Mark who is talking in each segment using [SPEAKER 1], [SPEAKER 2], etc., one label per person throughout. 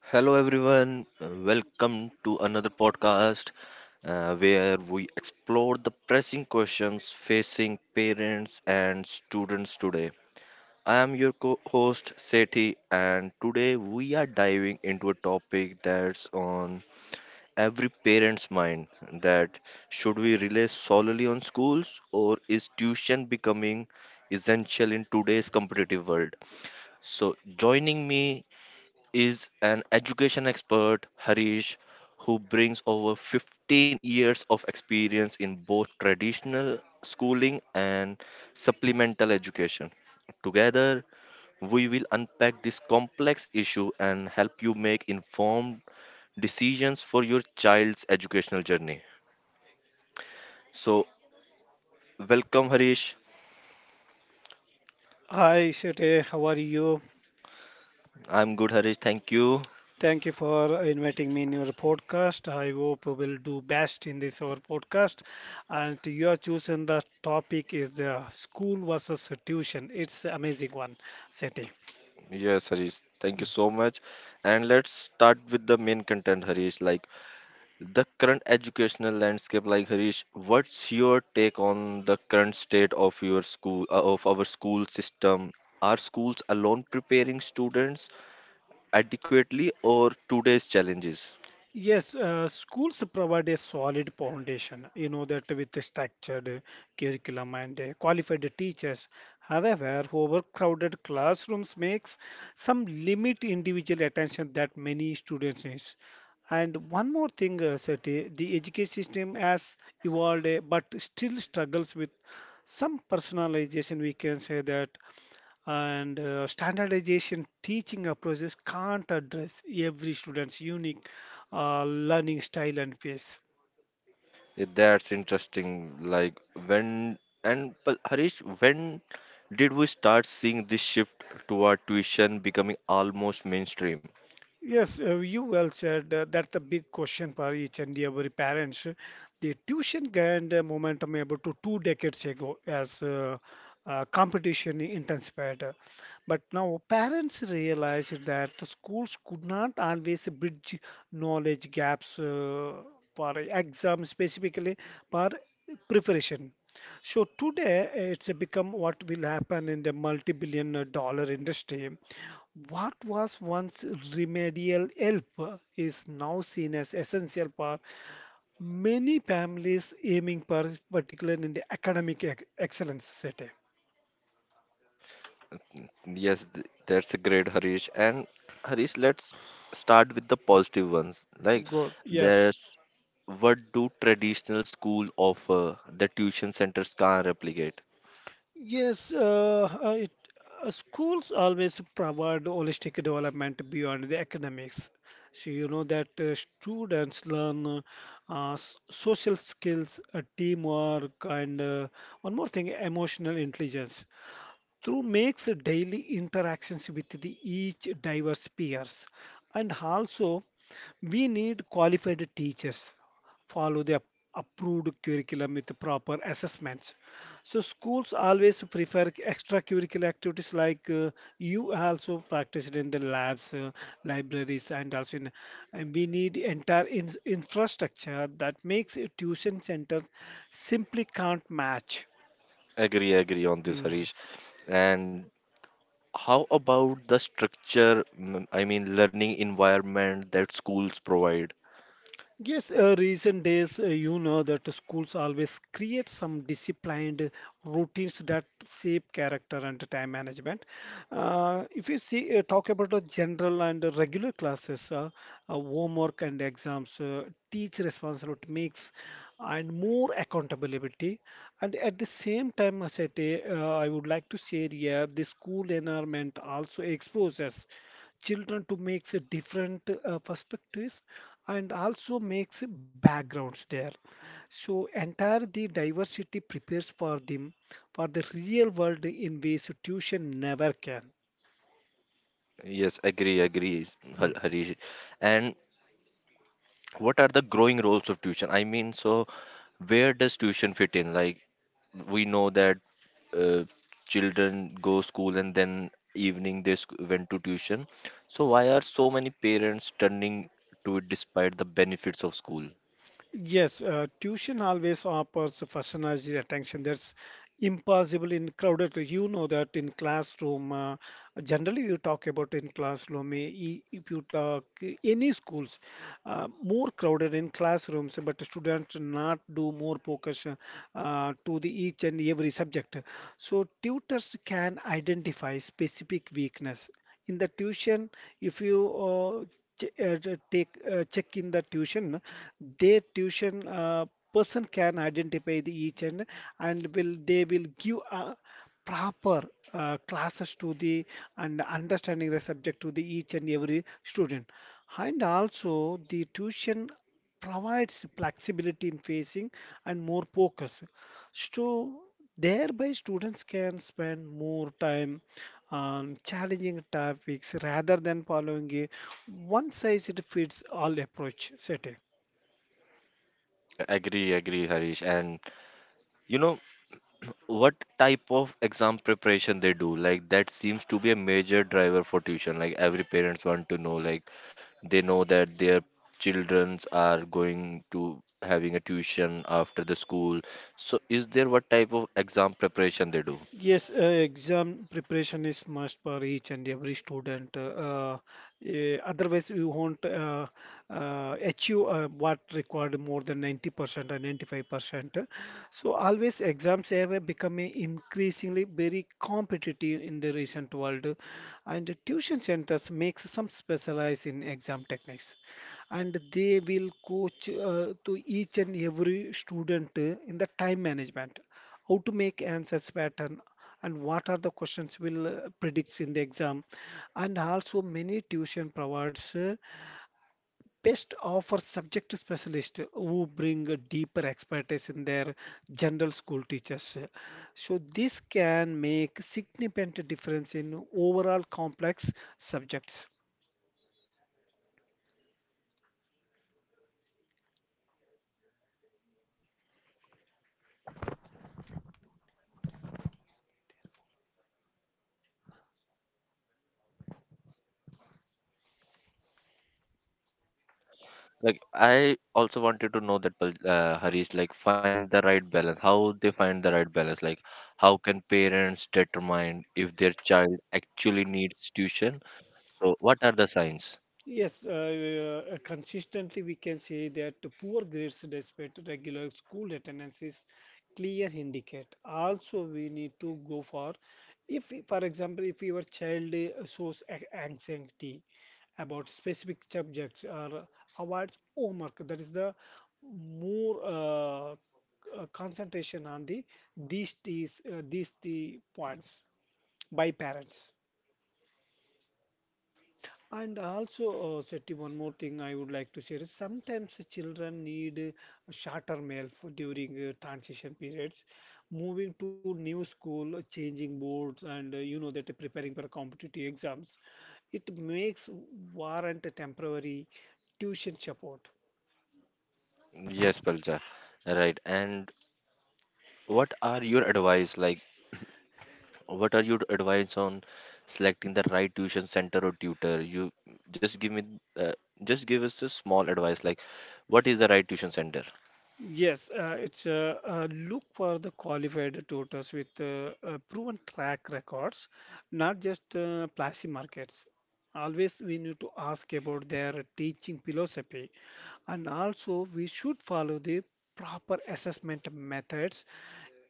[SPEAKER 1] Hello, everyone. Welcome to another podcast, where we explore the pressing questions facing parents and students today. I am your co host, Sethi, and today we are diving into a topic that's on every parent's mind that should we rely solely on schools, or is tuition becoming essential in today's competitive world? So, joining me is an education expert, Harish, who brings over 15 years of experience in both traditional schooling and supplemental education. Together, we will unpack this complex issue and help you make informed decisions for your child's educational journey. So, welcome, Harish.
[SPEAKER 2] Hi, Sete. How are you?
[SPEAKER 1] I'm good, Harish. Thank you.
[SPEAKER 2] Thank you for inviting me in your podcast. I hope we will do best in this our podcast. And you have chosen the topic is the school versus tuition. It's amazing one, Sete.
[SPEAKER 1] Yes, Harish. Thank you so much. And let's start with the main content, Harish. Like, the current educational landscape. Like, Harish, what's your take on the current state of your school of our school system? Are schools alone preparing students adequately or today's challenges?
[SPEAKER 2] Yes, Schools provide a solid foundation, you know, that with a structured curriculum and qualified teachers. However, overcrowded classrooms makes some limit individual attention that many students need. And one more thing, Sati, the education system has evolved, but still struggles with some personalization. We can say that and standardization teaching approaches can't address every student's unique learning style and pace.
[SPEAKER 1] Yeah, that's interesting. Like when and but harish when did we start seeing this shift toward tuition becoming almost mainstream?
[SPEAKER 2] Yes, you well said. That's the big question for each and every parents. The tuition gained momentum about to two decades ago as competition intensified. But now parents realize that schools could not always bridge knowledge gaps for exams, specifically for preparation. So today, it's become what will happen in the multi-billion-dollar industry. What was once remedial help is now seen as essential for many families aiming for particularly in the academic excellence city.
[SPEAKER 1] That's a great Harish. And Harish, let's start with the positive ones. Like,
[SPEAKER 2] Good. Yes.
[SPEAKER 1] there's what do traditional school offer that tuition centers can't replicate?
[SPEAKER 2] Yes, uh, uh, it, schools always provide holistic development beyond the academics. So you know that students learn social skills, teamwork, and one more thing, emotional intelligence through makes daily interactions with the each diverse peers and also we need qualified teachers follow the approved curriculum with proper assessments. So schools always prefer extracurricular activities like you also practiced in the labs, libraries, and also in, and we need entire infrastructure that makes a tuition center simply can't match.
[SPEAKER 1] Agree, agree on this,
[SPEAKER 2] Mm-hmm.
[SPEAKER 1] Harish. And how about the structure? I mean, learning environment that schools provide.
[SPEAKER 2] Yes, recent days, you know that schools always create some disciplined routines that shape character and time management. If you see, talk about the general and the regular classes, homework and exams, teach responsibility mix, and more accountability. And at the same time, as I say, I would like to share here, the school environment also exposes children to makes a different perspectives and also makes backgrounds there, so entire the diversity prepares for them for the real world in ways tuition never can.
[SPEAKER 1] Yes, agree, agree,
[SPEAKER 2] Hmm.
[SPEAKER 1] Harish. And what are the growing roles of tuition? I mean, so where does tuition fit in? Like, we know that uh, children go school and then evening went to tuition. So why are so many parents turning to it despite the benefits of school?
[SPEAKER 2] Yes, tuition always offers personalized attention that's impossible in crowded. You know that in classroom, generally you talk about in classroom, if you talk any schools, more crowded in classrooms, but students not do more focus to the each and every subject. So tutors can identify specific weakness in the tuition, if you uh, take check in the tuition, their tuition person can identify the each and will they will give a proper classes to the and understanding the subject to the each and every student. And also the tuition provides flexibility in facing and more focus, so thereby students can spend more time on challenging topics rather than following a one size it fits all approach setting.
[SPEAKER 1] Yeah, agree, agree, Harish. And you know, what type of exam preparation they do? Like, that seems to be a major driver for tuition. Like, every parents want to know, like, they know that their childrens are going to having a tuition after the school. So is there, what type of exam preparation they do?
[SPEAKER 2] Yes, exam preparation is must for each and every student. Otherwise, you won't achieve what required more than 90% or 95%. So always exams have become increasingly very competitive in the recent world, and the tuition centers makes some specialize in exam techniques, and they will coach to each and every student in the time management, how to make answers pattern and what are the questions will predicts in the exam. And also many tuition provides best offer subject specialist who bring a deeper expertise in their general school teachers, so this can make significant difference in overall complex subjects.
[SPEAKER 1] Like, I also wanted to know that, Harish, like, find the right balance. How they find the right balance? Like, how can parents determine if their child actually needs tuition? So what are the signs?
[SPEAKER 2] Yes, consistently we can say that the poor grades despite regular school attendance is clear indicate. Also, we need to go for if, for example, if your child shows anxiety about specific subjects or avoids homework, that is the more concentration on the these these the points by parents. And also, Sethi, one more thing I would like to share is sometimes the children need shorter meal for during transition periods. Moving to new school, changing boards, and you know that preparing for competitive exams, it makes warrant a temporary tuition support.
[SPEAKER 1] Yes, Palja. Right. And what are your advice? Like, what are your advice on selecting the right tuition center or tutor? You just give me, uh, just give us a small advice. Like, what is the right tuition center?
[SPEAKER 2] Yes, it's look for the qualified tutors with proven track records, not just flashy markets. Always we need to ask about their teaching philosophy, and also we should follow the proper assessment methods.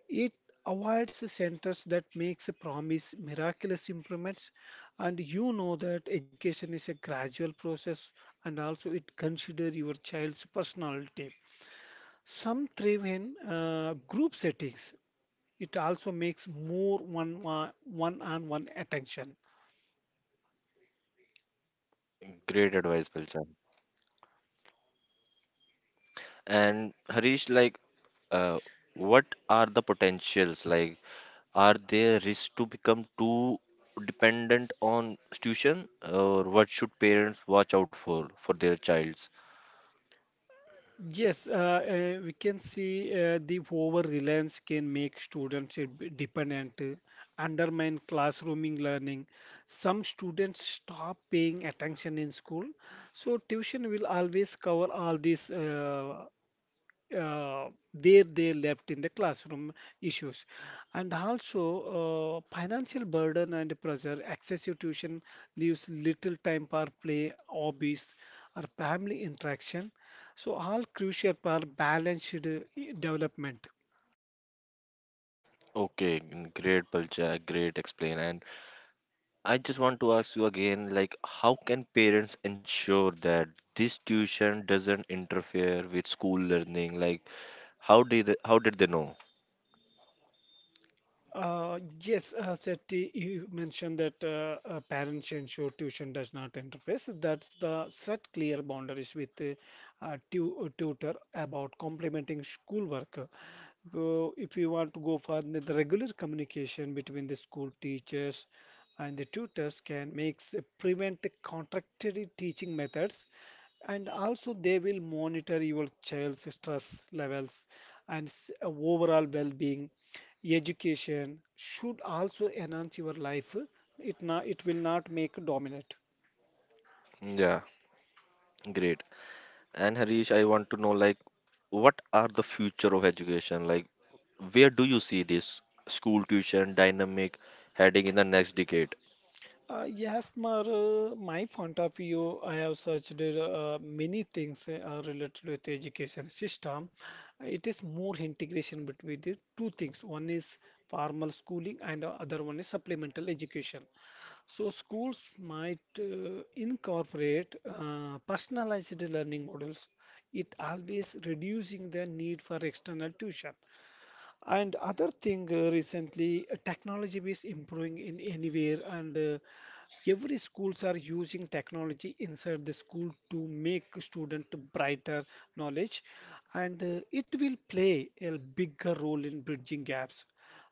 [SPEAKER 2] It avoids the centers that makes a promise miraculous improvements, and you know that education is a gradual process, and also it consider your child's personality. Some thrive in group settings. It also makes more one-on-one attention.
[SPEAKER 1] Great advice, Palja. And Harish, like, uh, what are the potentials, like, are there risks to become too dependent on tuition, or what should parents watch out for their childs?
[SPEAKER 2] Yes, uh, we can see the over-reliance can make students dependent, undermine classrooming learning. Some students stop paying attention in school, so tuition will always cover all these uh, where they left in the classroom issues. And also, financial burden and pressure excessive tuition leaves little time for play hobbies or family interaction, so all crucial for balanced development.
[SPEAKER 1] Okay. Great, Palcha, great explain and I just want to ask you again, like, how can parents ensure that this tuition doesn't interfere with school learning? Like, how did they know?
[SPEAKER 2] Yes, Sethi, you mentioned that parents ensure tuition does not interfere. So that's the set clear boundaries with the tu tutor about complementing schoolwork. So if you want to go further, the regular communication between the school teachers and the tutors can makes prevent the contradictory teaching methods. And also they will monitor your child's stress levels and overall well-being. Education should also enhance your life. It not, it will not make dominate.
[SPEAKER 1] Yeah, great. And Harish, I want to know, like, what are the future of education? Like, where do you see this school tuition dynamic heading in the next decade?
[SPEAKER 2] Yes, Mar, my point of view, I have searched many things related with education system. It is more integration between the two things. One is formal schooling and the other one is supplemental education. So schools might incorporate personalized learning models. It always reducing the need for external tuition. And other thing recently, technology is improving in anywhere, and every schools are using technology inside the school to make student brighter knowledge, and it will play a bigger role in bridging gaps.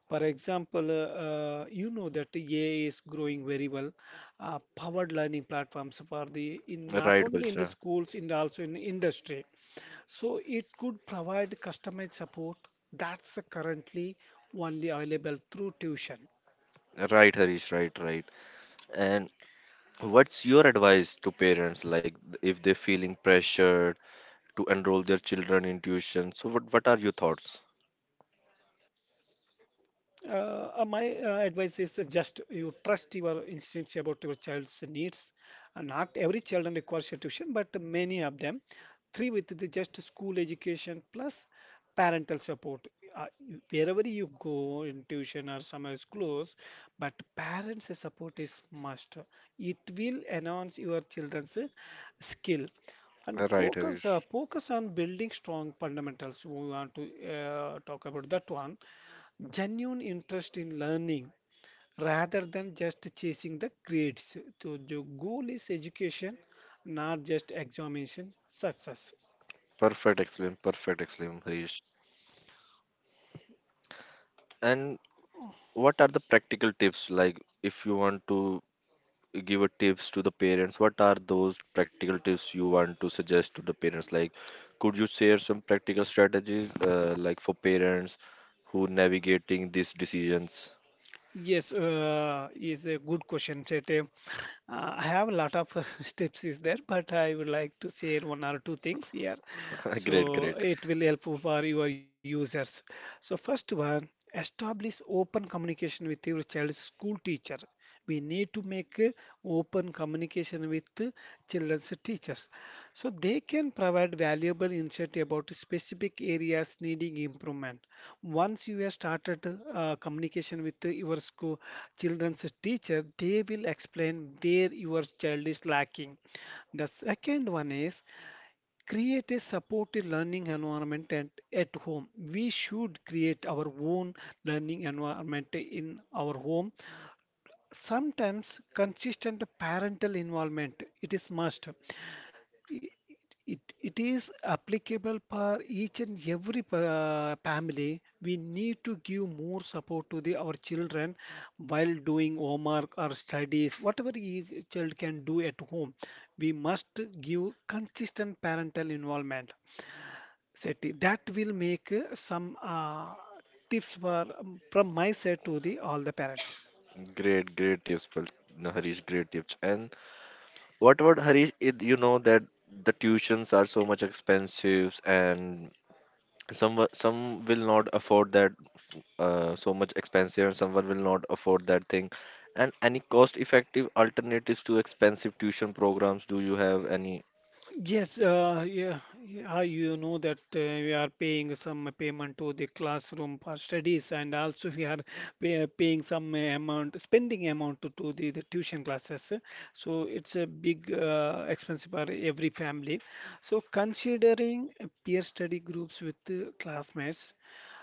[SPEAKER 2] For example, you know that AI is growing very well. Powered learning platforms for the in not
[SPEAKER 1] Right,
[SPEAKER 2] only in the
[SPEAKER 1] Balcha.
[SPEAKER 2] schools, in also in industry, so it could provide customized support that's currently only available through tuition.
[SPEAKER 1] Right, Harish. Right, right. And what's your advice to parents, like, if they're feeling pressured to enroll their children in tuition? So, what are your thoughts?
[SPEAKER 2] My advice is just you trust your instincts about your child's needs. Not every children requires a tuition, but many of them. Three with the just school education plus parental support. Wherever you go in tuition or summer schools, but parents' support is must. It will enhance your children's skill. And
[SPEAKER 1] Right,
[SPEAKER 2] focus,
[SPEAKER 1] Harish.
[SPEAKER 2] focus on building strong fundamentals. We want to talk about that one. Genuine interest in learning rather than just chasing the grades. So the goal is education, not just examination success.
[SPEAKER 1] Perfect, excellent. Perfect, excellent, Harish. And what are the practical tips? Like, if you want to give a tips to the parents, what are those practical tips you want to suggest to the parents? Like, could you share some practical strategies, like, for parents who navigating these decisions?
[SPEAKER 2] Yes, is a good question, Chete. I have a lot of steps is there, but I would like to share one or two things here,
[SPEAKER 1] Great,
[SPEAKER 2] so
[SPEAKER 1] great
[SPEAKER 2] it will help for your users. So first one, establish open communication with your child's school teacher. We need to make a open communication with the children's teachers, so they can provide valuable insight about specific areas needing improvement. Once you have started communication with your school children's teacher, they will explain where your child is lacking. The second one is create a supportive learning environment at home. We should create our own learning environment in our home. Sometimes consistent parental involvement it is must. It, it it is applicable for each and every family. We need to give more support to the our children while doing homework or studies, whatever each child can do at home. We must give consistent parental involvement. Seti, that will make some tips for from my side to the all the parents.
[SPEAKER 1] great great Tips, Pal- no, harish great tips. And what about, Harish, it, you know that the tuitions are so much expensive, and some will not afford that, so much expensive, and someone will not afford that thing. And any cost effective alternatives to expensive tuition programs? Do you have any?
[SPEAKER 2] Yes, yeah, yeah, how you know that we are paying some payment to the classroom for studies, and also we are paying some amount, spending amount to the tuition classes. So it's a big expense for every family. So considering peer study groups with classmates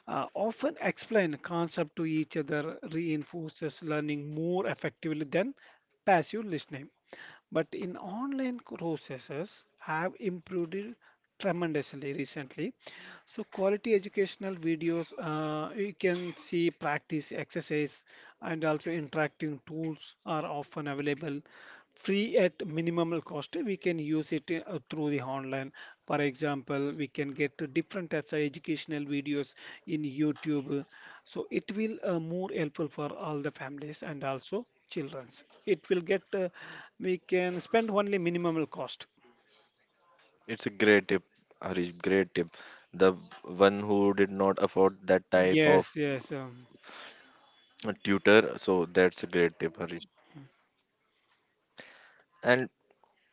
[SPEAKER 2] often explain concept to each other reinforces learning more effectively than passive listening. But in online processes have improved it tremendously recently. So quality educational videos, you can see practice exercise and also interactive tools are often available free at minimal cost. We can use it through the online. For example, we can get to different types of educational videos in YouTube. So it will more helpful for all the families and also childrens. It will get we can spend only minimal cost.
[SPEAKER 1] It's a great tip, Harish, great tip, the one who did not afford that type of
[SPEAKER 2] Yes, yes, um,
[SPEAKER 1] tutor. So that's a great tip, Harish. And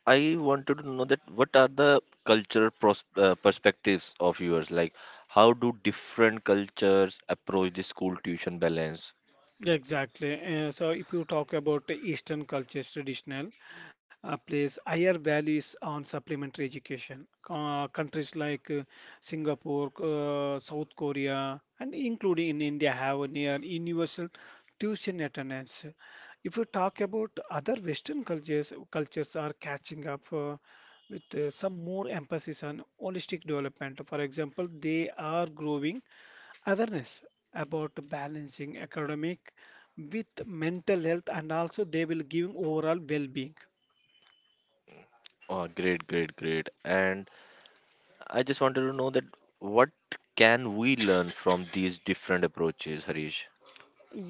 [SPEAKER 1] I wanted to know, that what are the cultural perspectives of yours? Like, how do different cultures approach the school tuition balance?
[SPEAKER 2] exactly. So if you talk about the Eastern cultures traditional, place higher values on supplementary education. Countries like Singapore, South Korea, and including in India have a near universal tuition attendance. If you talk about other Western cultures, cultures are catching up. With some more emphasis on holistic development. For example, they are growing awareness about balancing academic with mental health and also they will give overall well-being.
[SPEAKER 1] Oh, great, great, great. And I just wanted to know, that what can we learn from these different approaches, Harish?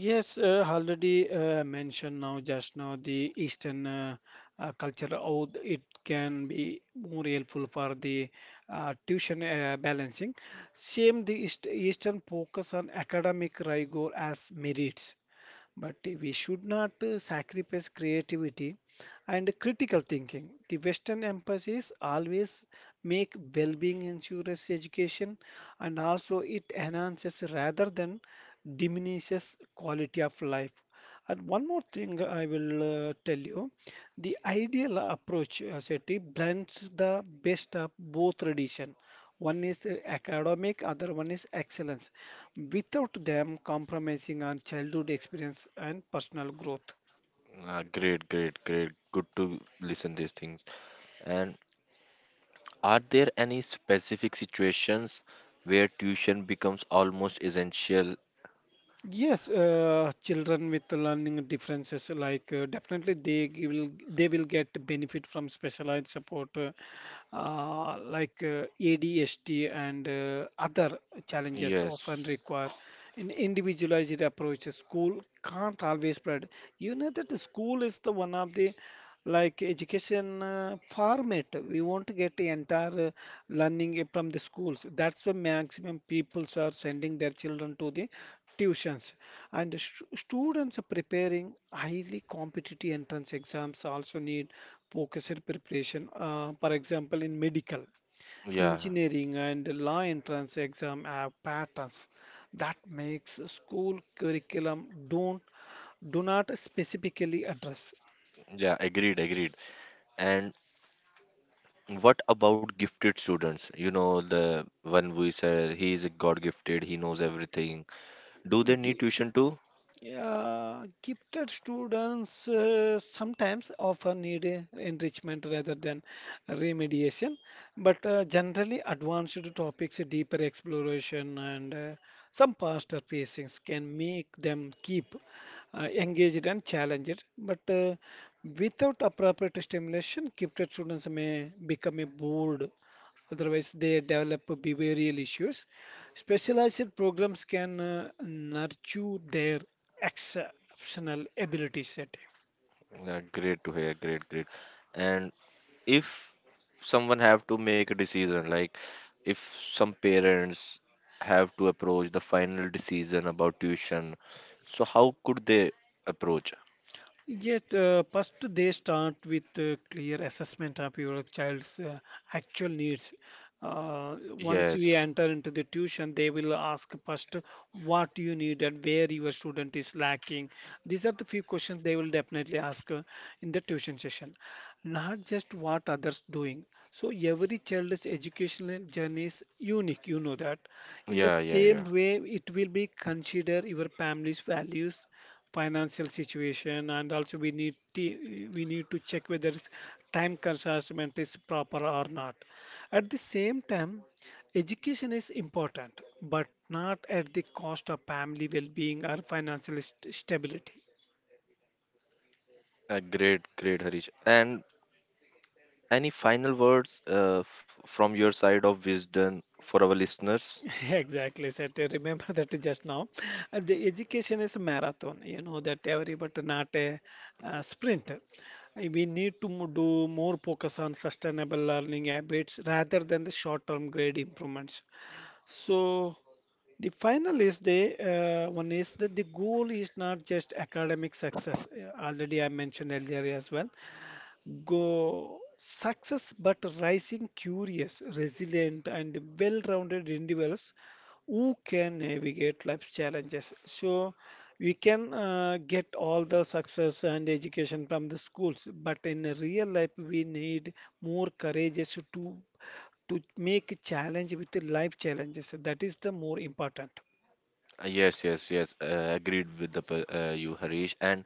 [SPEAKER 2] Yes, already mentioned now just now the Eastern culture, how it can be more helpful for the tuition balancing. Same, the Eastern focus on academic rigor as merits but we should not sacrifice creativity and critical thinking. The Western emphasis always make well-being insurance education, and also it enhances rather than diminishes quality of life. And one more thing I will tell you, the ideal approach, Shetty, blends the best of both tradition. One is academic, other one is excellence without them compromising on childhood experience and personal growth.
[SPEAKER 1] Great, great, great. Good to listen these things. And are there any specific situations where tuition becomes almost essential?
[SPEAKER 2] Yes, children with learning differences, like definitely will they will get benefit from specialized support, like ADHD and other challenges often
[SPEAKER 1] Yes.
[SPEAKER 2] require an individualized approach. A school can't always provide. You know that the school is the one of the like education format we won't get the entire learning from the schools. That's why maximum peoples are sending their children to the tuitions, and the students preparing highly competitive entrance exams also need focused preparation, for example in medical,
[SPEAKER 1] Yeah.
[SPEAKER 2] engineering and law entrance exam have patterns that makes school curriculum don't do not specifically address.
[SPEAKER 1] Yeah. Agreed. Agreed. And what about gifted students? You know, the one we said, he is God gifted, he knows everything. Do they need tuition too?
[SPEAKER 2] Yeah, gifted students sometimes often need enrichment rather than remediation, but generally advanced topics, deeper exploration, and some faster pacings can make them keep engaged and challenged. But without appropriate stimulation, gifted students may become a bored. Otherwise, they develop behavioral issues. Specialized programs can nurture their exceptional ability set.
[SPEAKER 1] Yeah, great to hear. Great, great. And if someone have to make a decision, like, if some parents have to approach the final decision about tuition, so how could they approach?
[SPEAKER 2] Yet, first they start with clear assessment of your child's actual needs. Once you
[SPEAKER 1] Yes.
[SPEAKER 2] enter into the tuition, they will ask first what you need and where your student is lacking. These are the few questions they will definitely ask in the tuition session, not just what others doing. So every child's educational journey is unique, you know that. In the
[SPEAKER 1] Yeah, yeah,
[SPEAKER 2] same
[SPEAKER 1] yeah.
[SPEAKER 2] way, it will be consider your family's values, financial situation, and also we need to check whether it's time consumption is proper or not. At the same time, education is important but not at the cost of family well-being or financial stability.
[SPEAKER 1] Great, great, Harish. And any final words from your side of wisdom for our listeners?
[SPEAKER 2] Exactly, sir. To remember that just now, the education is a marathon. You know that every but not a, sprint. We need to do more focus on sustainable learning habits rather than the short-term grade improvements. So the final is the one is that the goal is not just academic success. Already I mentioned earlier as well. Go success, but rising curious, resilient, and well-rounded individuals who can navigate life's challenges. So we can get all the success and education from the schools, but in a real life, we need more courageous to make challenge with the life challenges. That is the more important.
[SPEAKER 1] Yes, yes, yes. Agreed with, you, Harish. And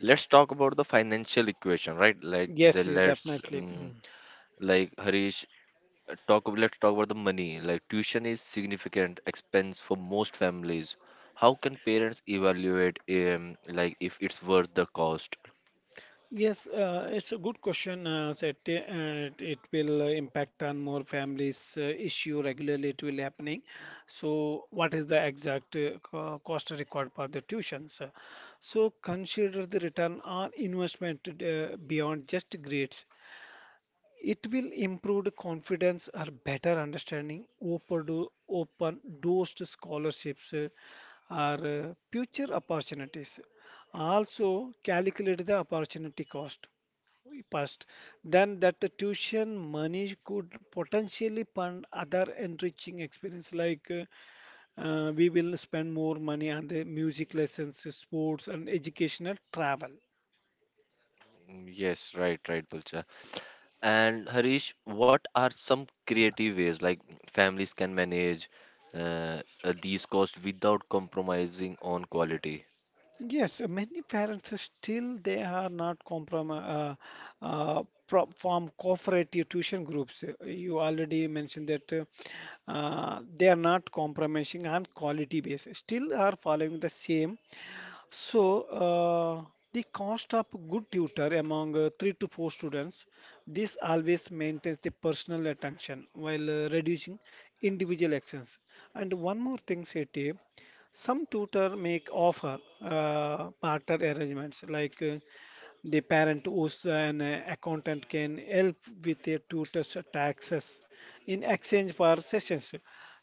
[SPEAKER 1] let's talk about the financial equation, right? Like, the
[SPEAKER 2] Yes, yeah,
[SPEAKER 1] let's
[SPEAKER 2] definitely. Mm.
[SPEAKER 1] like harish talk ab- let's talk about the money. Like, tuition is significant expense for most families. How can parents evaluate, like, if it's worth the cost?
[SPEAKER 2] Yes, it's a good question. It will impact on more families issue regularly. It will happening. So, what is the exact cost required for the tuitions? So, consider the return on investment beyond just grades. It will improve the confidence or better understanding, open doors to scholarships, or future opportunities. Also, calculate the opportunity cost first. Then that the tuition money could potentially fund other enriching experience like we will spend more money on the music lessons, sports and educational travel.
[SPEAKER 1] Mm, yes, right, right, Pulcha. And Harish, what are some creative ways, like, families can manage these costs without compromising on quality?
[SPEAKER 2] Yes, many parents are still they are not compromise pro form cooperative tuition groups. You already mentioned that they are not compromising on quality basis. Still are following the same. So, the cost of good tutor among three to four students, this always maintains the personal attention while reducing individual actions. And one more thing, Seti, some tutor make offer partner arrangements like, the parent who's an accountant can help with a tutor's taxes in exchange for sessions.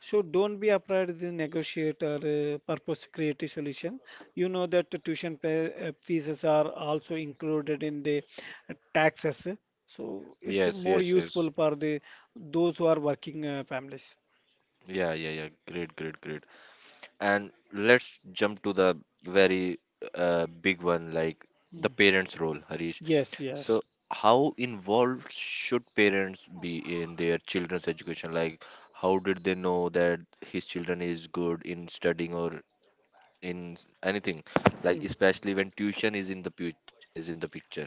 [SPEAKER 2] So don't be afraid to negotiate or purpose create a solution. You know that the fees are also included in the taxes. So it's
[SPEAKER 1] Yes,
[SPEAKER 2] more
[SPEAKER 1] yes, yes.
[SPEAKER 2] useful for the those who are working families.
[SPEAKER 1] Yeah, yeah, yeah, great, great, great. And let's jump to the very big one, like, the
[SPEAKER 2] Mm.
[SPEAKER 1] parents' role, Harish.
[SPEAKER 2] Yes, yes.
[SPEAKER 1] So, how involved should parents be in their children's education? Like, how did they know that his children is good in studying or in anything? Like,
[SPEAKER 2] Mm.
[SPEAKER 1] especially when tuition is is in the picture.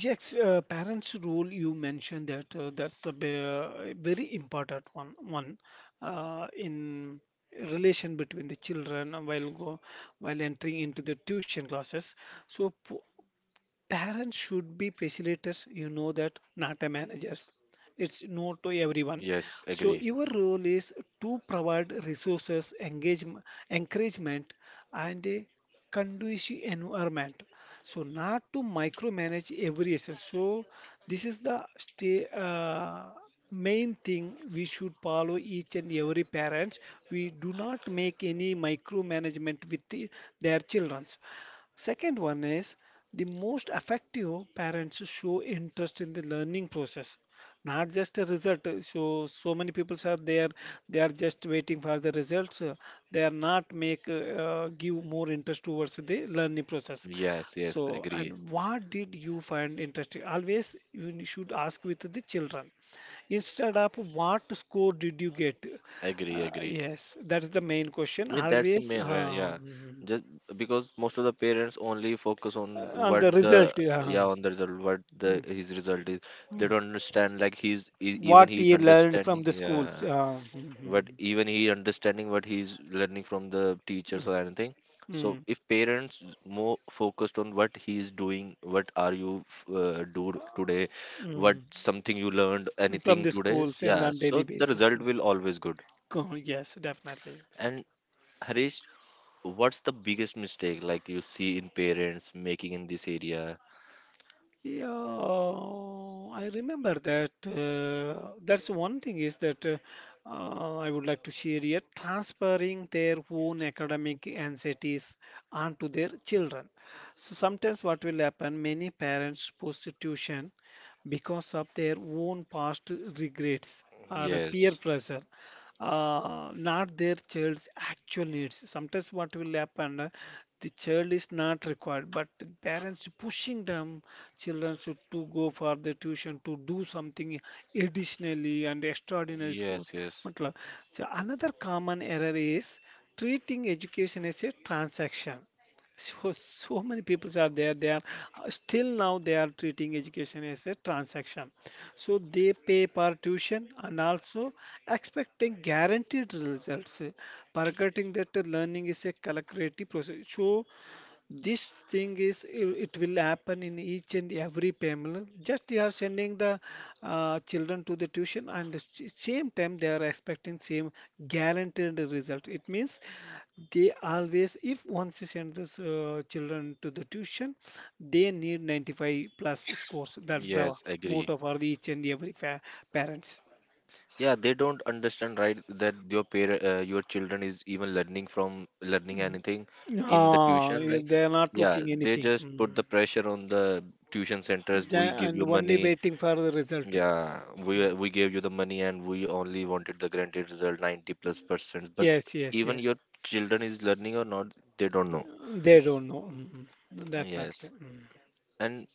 [SPEAKER 2] Yes, parents' role you mentioned that that's a very important one one in relation between the children while entering into the tuition classes. So p- Parents should be facilitators, you know that, not a managers. It's no to everyone.
[SPEAKER 1] Yes,
[SPEAKER 2] So
[SPEAKER 1] agree.
[SPEAKER 2] your role is to provide resources, engagement, encouragement, and a conducive environment. So not to micromanage every essence. So this is the main thing we should follow each and every parents. We do not make any micromanagement with the, their children. Second one is the most effective parents show interest in the learning process, not just a result. So so many people are there, they are just waiting for the results. They are not make give more interest towards the learning process.
[SPEAKER 1] Yes, yes,
[SPEAKER 2] So
[SPEAKER 1] agree.
[SPEAKER 2] and what did you find interesting? Always you should ask with the children instead of what score did you get?
[SPEAKER 1] Agree, agree.
[SPEAKER 2] Yes, that's the main question.
[SPEAKER 1] Yeah, that's the
[SPEAKER 2] Always.
[SPEAKER 1] main, right? Yeah, just because most of the parents only focus on
[SPEAKER 2] And
[SPEAKER 1] what
[SPEAKER 2] the result.
[SPEAKER 1] the,
[SPEAKER 2] Yeah.
[SPEAKER 1] yeah, on the result, what
[SPEAKER 2] Mm,
[SPEAKER 1] the his result is. They
[SPEAKER 2] mm.
[SPEAKER 1] don't understand, like, even
[SPEAKER 2] What
[SPEAKER 1] he's
[SPEAKER 2] you learned from
[SPEAKER 1] understanding,
[SPEAKER 2] the schools.
[SPEAKER 1] yeah,
[SPEAKER 2] Yeah.
[SPEAKER 1] but
[SPEAKER 2] Mhm.
[SPEAKER 1] even he understanding what he's learning from the
[SPEAKER 2] Mm,
[SPEAKER 1] teachers or anything. So
[SPEAKER 2] mm,
[SPEAKER 1] if parents more focused on what he's doing, what do today, what
[SPEAKER 2] mm.
[SPEAKER 1] something you learned,
[SPEAKER 2] From
[SPEAKER 1] anything
[SPEAKER 2] the
[SPEAKER 1] today,
[SPEAKER 2] schools and
[SPEAKER 1] yeah.
[SPEAKER 2] on
[SPEAKER 1] So
[SPEAKER 2] daily
[SPEAKER 1] the result
[SPEAKER 2] basis.
[SPEAKER 1] will always good.
[SPEAKER 2] Yes, definitely.
[SPEAKER 1] And Harish, what's the biggest mistake, like, you see in parents making in this area?
[SPEAKER 2] Yeah, I remember that. That's one thing is that I would like to share here, transferring their own academic anxieties onto their children. So sometimes what will happen, many parents post tuition because of their own past regrets or
[SPEAKER 1] Yes,
[SPEAKER 2] peer pressure, not their child's actual needs. Sometimes what will happen, the child is not required, but the parents pushing them children should to go for the tuition to do something additionally and extraordinary schools
[SPEAKER 1] yes, yes,
[SPEAKER 2] matlab. So another common error is treating education as a transaction. So so many people are there they are still now they are treating education as a transaction, so they pay per tuition and also expecting guaranteed results, forgetting that the learning is a calculative process. So this thing is it will happen in each and every family, just they are sending the children to the tuition and the same time they are expecting same guaranteed result. It means they always if once you send this children to the tuition they need 95 plus scores. That's the
[SPEAKER 1] yes, agree.
[SPEAKER 2] motto for the each and every parents.
[SPEAKER 1] Yeah, they don't understand, right, that your parent, your children is even learning, from learning anything in the
[SPEAKER 2] Ah,
[SPEAKER 1] tuition,
[SPEAKER 2] yeah,
[SPEAKER 1] right?
[SPEAKER 2] they are not
[SPEAKER 1] Yeah,
[SPEAKER 2] looking
[SPEAKER 1] they
[SPEAKER 2] anything.
[SPEAKER 1] just
[SPEAKER 2] Mm.
[SPEAKER 1] put the pressure on the tuition centers.
[SPEAKER 2] They
[SPEAKER 1] We give
[SPEAKER 2] and
[SPEAKER 1] you
[SPEAKER 2] only
[SPEAKER 1] money.
[SPEAKER 2] waiting for the result.
[SPEAKER 1] Yeah,
[SPEAKER 2] Mm.
[SPEAKER 1] we gave you the money, and we only wanted the granted result, 90 plus percent. But
[SPEAKER 2] Yes, yes,
[SPEAKER 1] even
[SPEAKER 2] yes.
[SPEAKER 1] your children is learning or not, they don't know.
[SPEAKER 2] They don't know. Mhm. Definitely.
[SPEAKER 1] Yes.
[SPEAKER 2] Mhm.
[SPEAKER 1] And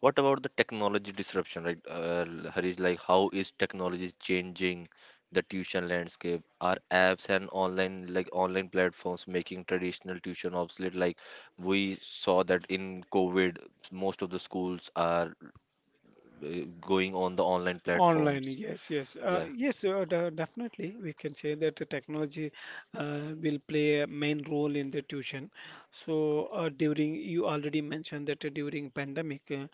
[SPEAKER 1] what about the technology disruption, right? Harish, like, how is technology changing the tuition landscape? Are apps and online, like, online platforms making traditional tuition obsolete? Like, we saw that in COVID, most of the schools are going on the online
[SPEAKER 2] Online,
[SPEAKER 1] platforms.
[SPEAKER 2] yes, yes,
[SPEAKER 1] Yeah,
[SPEAKER 2] yes, definitely. We can say that the technology will play a main role in the tuition. So during you already mentioned that during pandemic,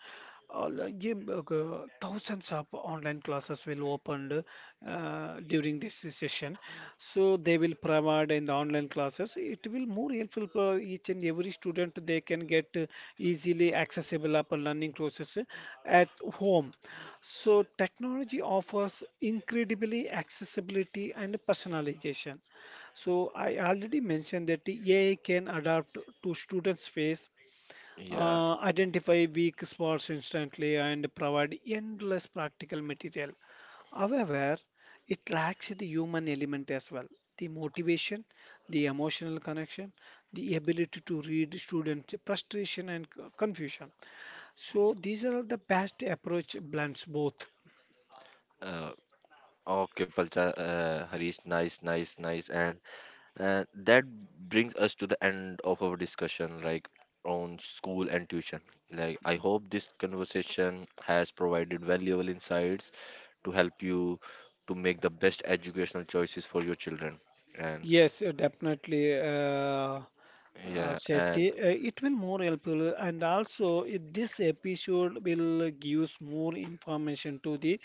[SPEAKER 2] all, yeah, but, thousands of online classes will opened during this session. So they will provide in the online classes. It will more helpful for each and every student. They can get easily accessible up learning process at home. So technology offers incredibly accessibility and personalization. So I already mentioned that the AI can adapt to students' face,
[SPEAKER 1] yeah.
[SPEAKER 2] identify weak spots instantly, and provide endless practical material. However, it lacks the human element as well. The motivation, the emotional connection, the ability to read students' frustration and confusion. So these are all the best approach blends both.
[SPEAKER 1] Uh, okay, Palcha, Harish, nice, nice, nice. And that brings us to the end of our discussion, like, on school and tuition. Like, I hope this conversation has provided valuable insights to help you to make the best educational choices for your children. And
[SPEAKER 2] Yes, definitely,
[SPEAKER 1] yeah,
[SPEAKER 2] Shetty.
[SPEAKER 1] and
[SPEAKER 2] It will more helpful, and also this episode will gives more information to the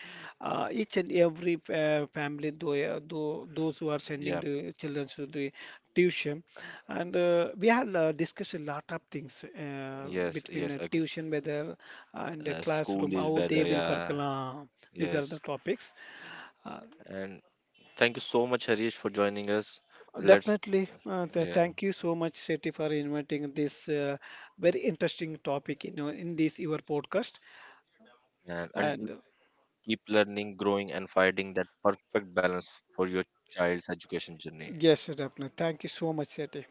[SPEAKER 2] each and every fa family, though those who are sending
[SPEAKER 1] yeah,
[SPEAKER 2] the children to the tuition. And we have discussed a lot of things
[SPEAKER 1] yes,
[SPEAKER 2] between
[SPEAKER 1] yes, okay.
[SPEAKER 2] tuition, whether and the
[SPEAKER 1] School
[SPEAKER 2] classroom,
[SPEAKER 1] is
[SPEAKER 2] how they
[SPEAKER 1] better,
[SPEAKER 2] will
[SPEAKER 1] yeah,
[SPEAKER 2] percolate. These are the
[SPEAKER 1] yes.
[SPEAKER 2] topics. Uh,
[SPEAKER 1] And thank you so much, Harish, for joining us. Let's,
[SPEAKER 2] Definitely. Th
[SPEAKER 1] yeah,
[SPEAKER 2] thank you so much, Seti, for inviting this very interesting topic in this your podcast.
[SPEAKER 1] and until,
[SPEAKER 2] And
[SPEAKER 1] keep learning, growing, and finding that perfect balance for your child's education journey.
[SPEAKER 2] yes, definitely. Thank you so much, Seti.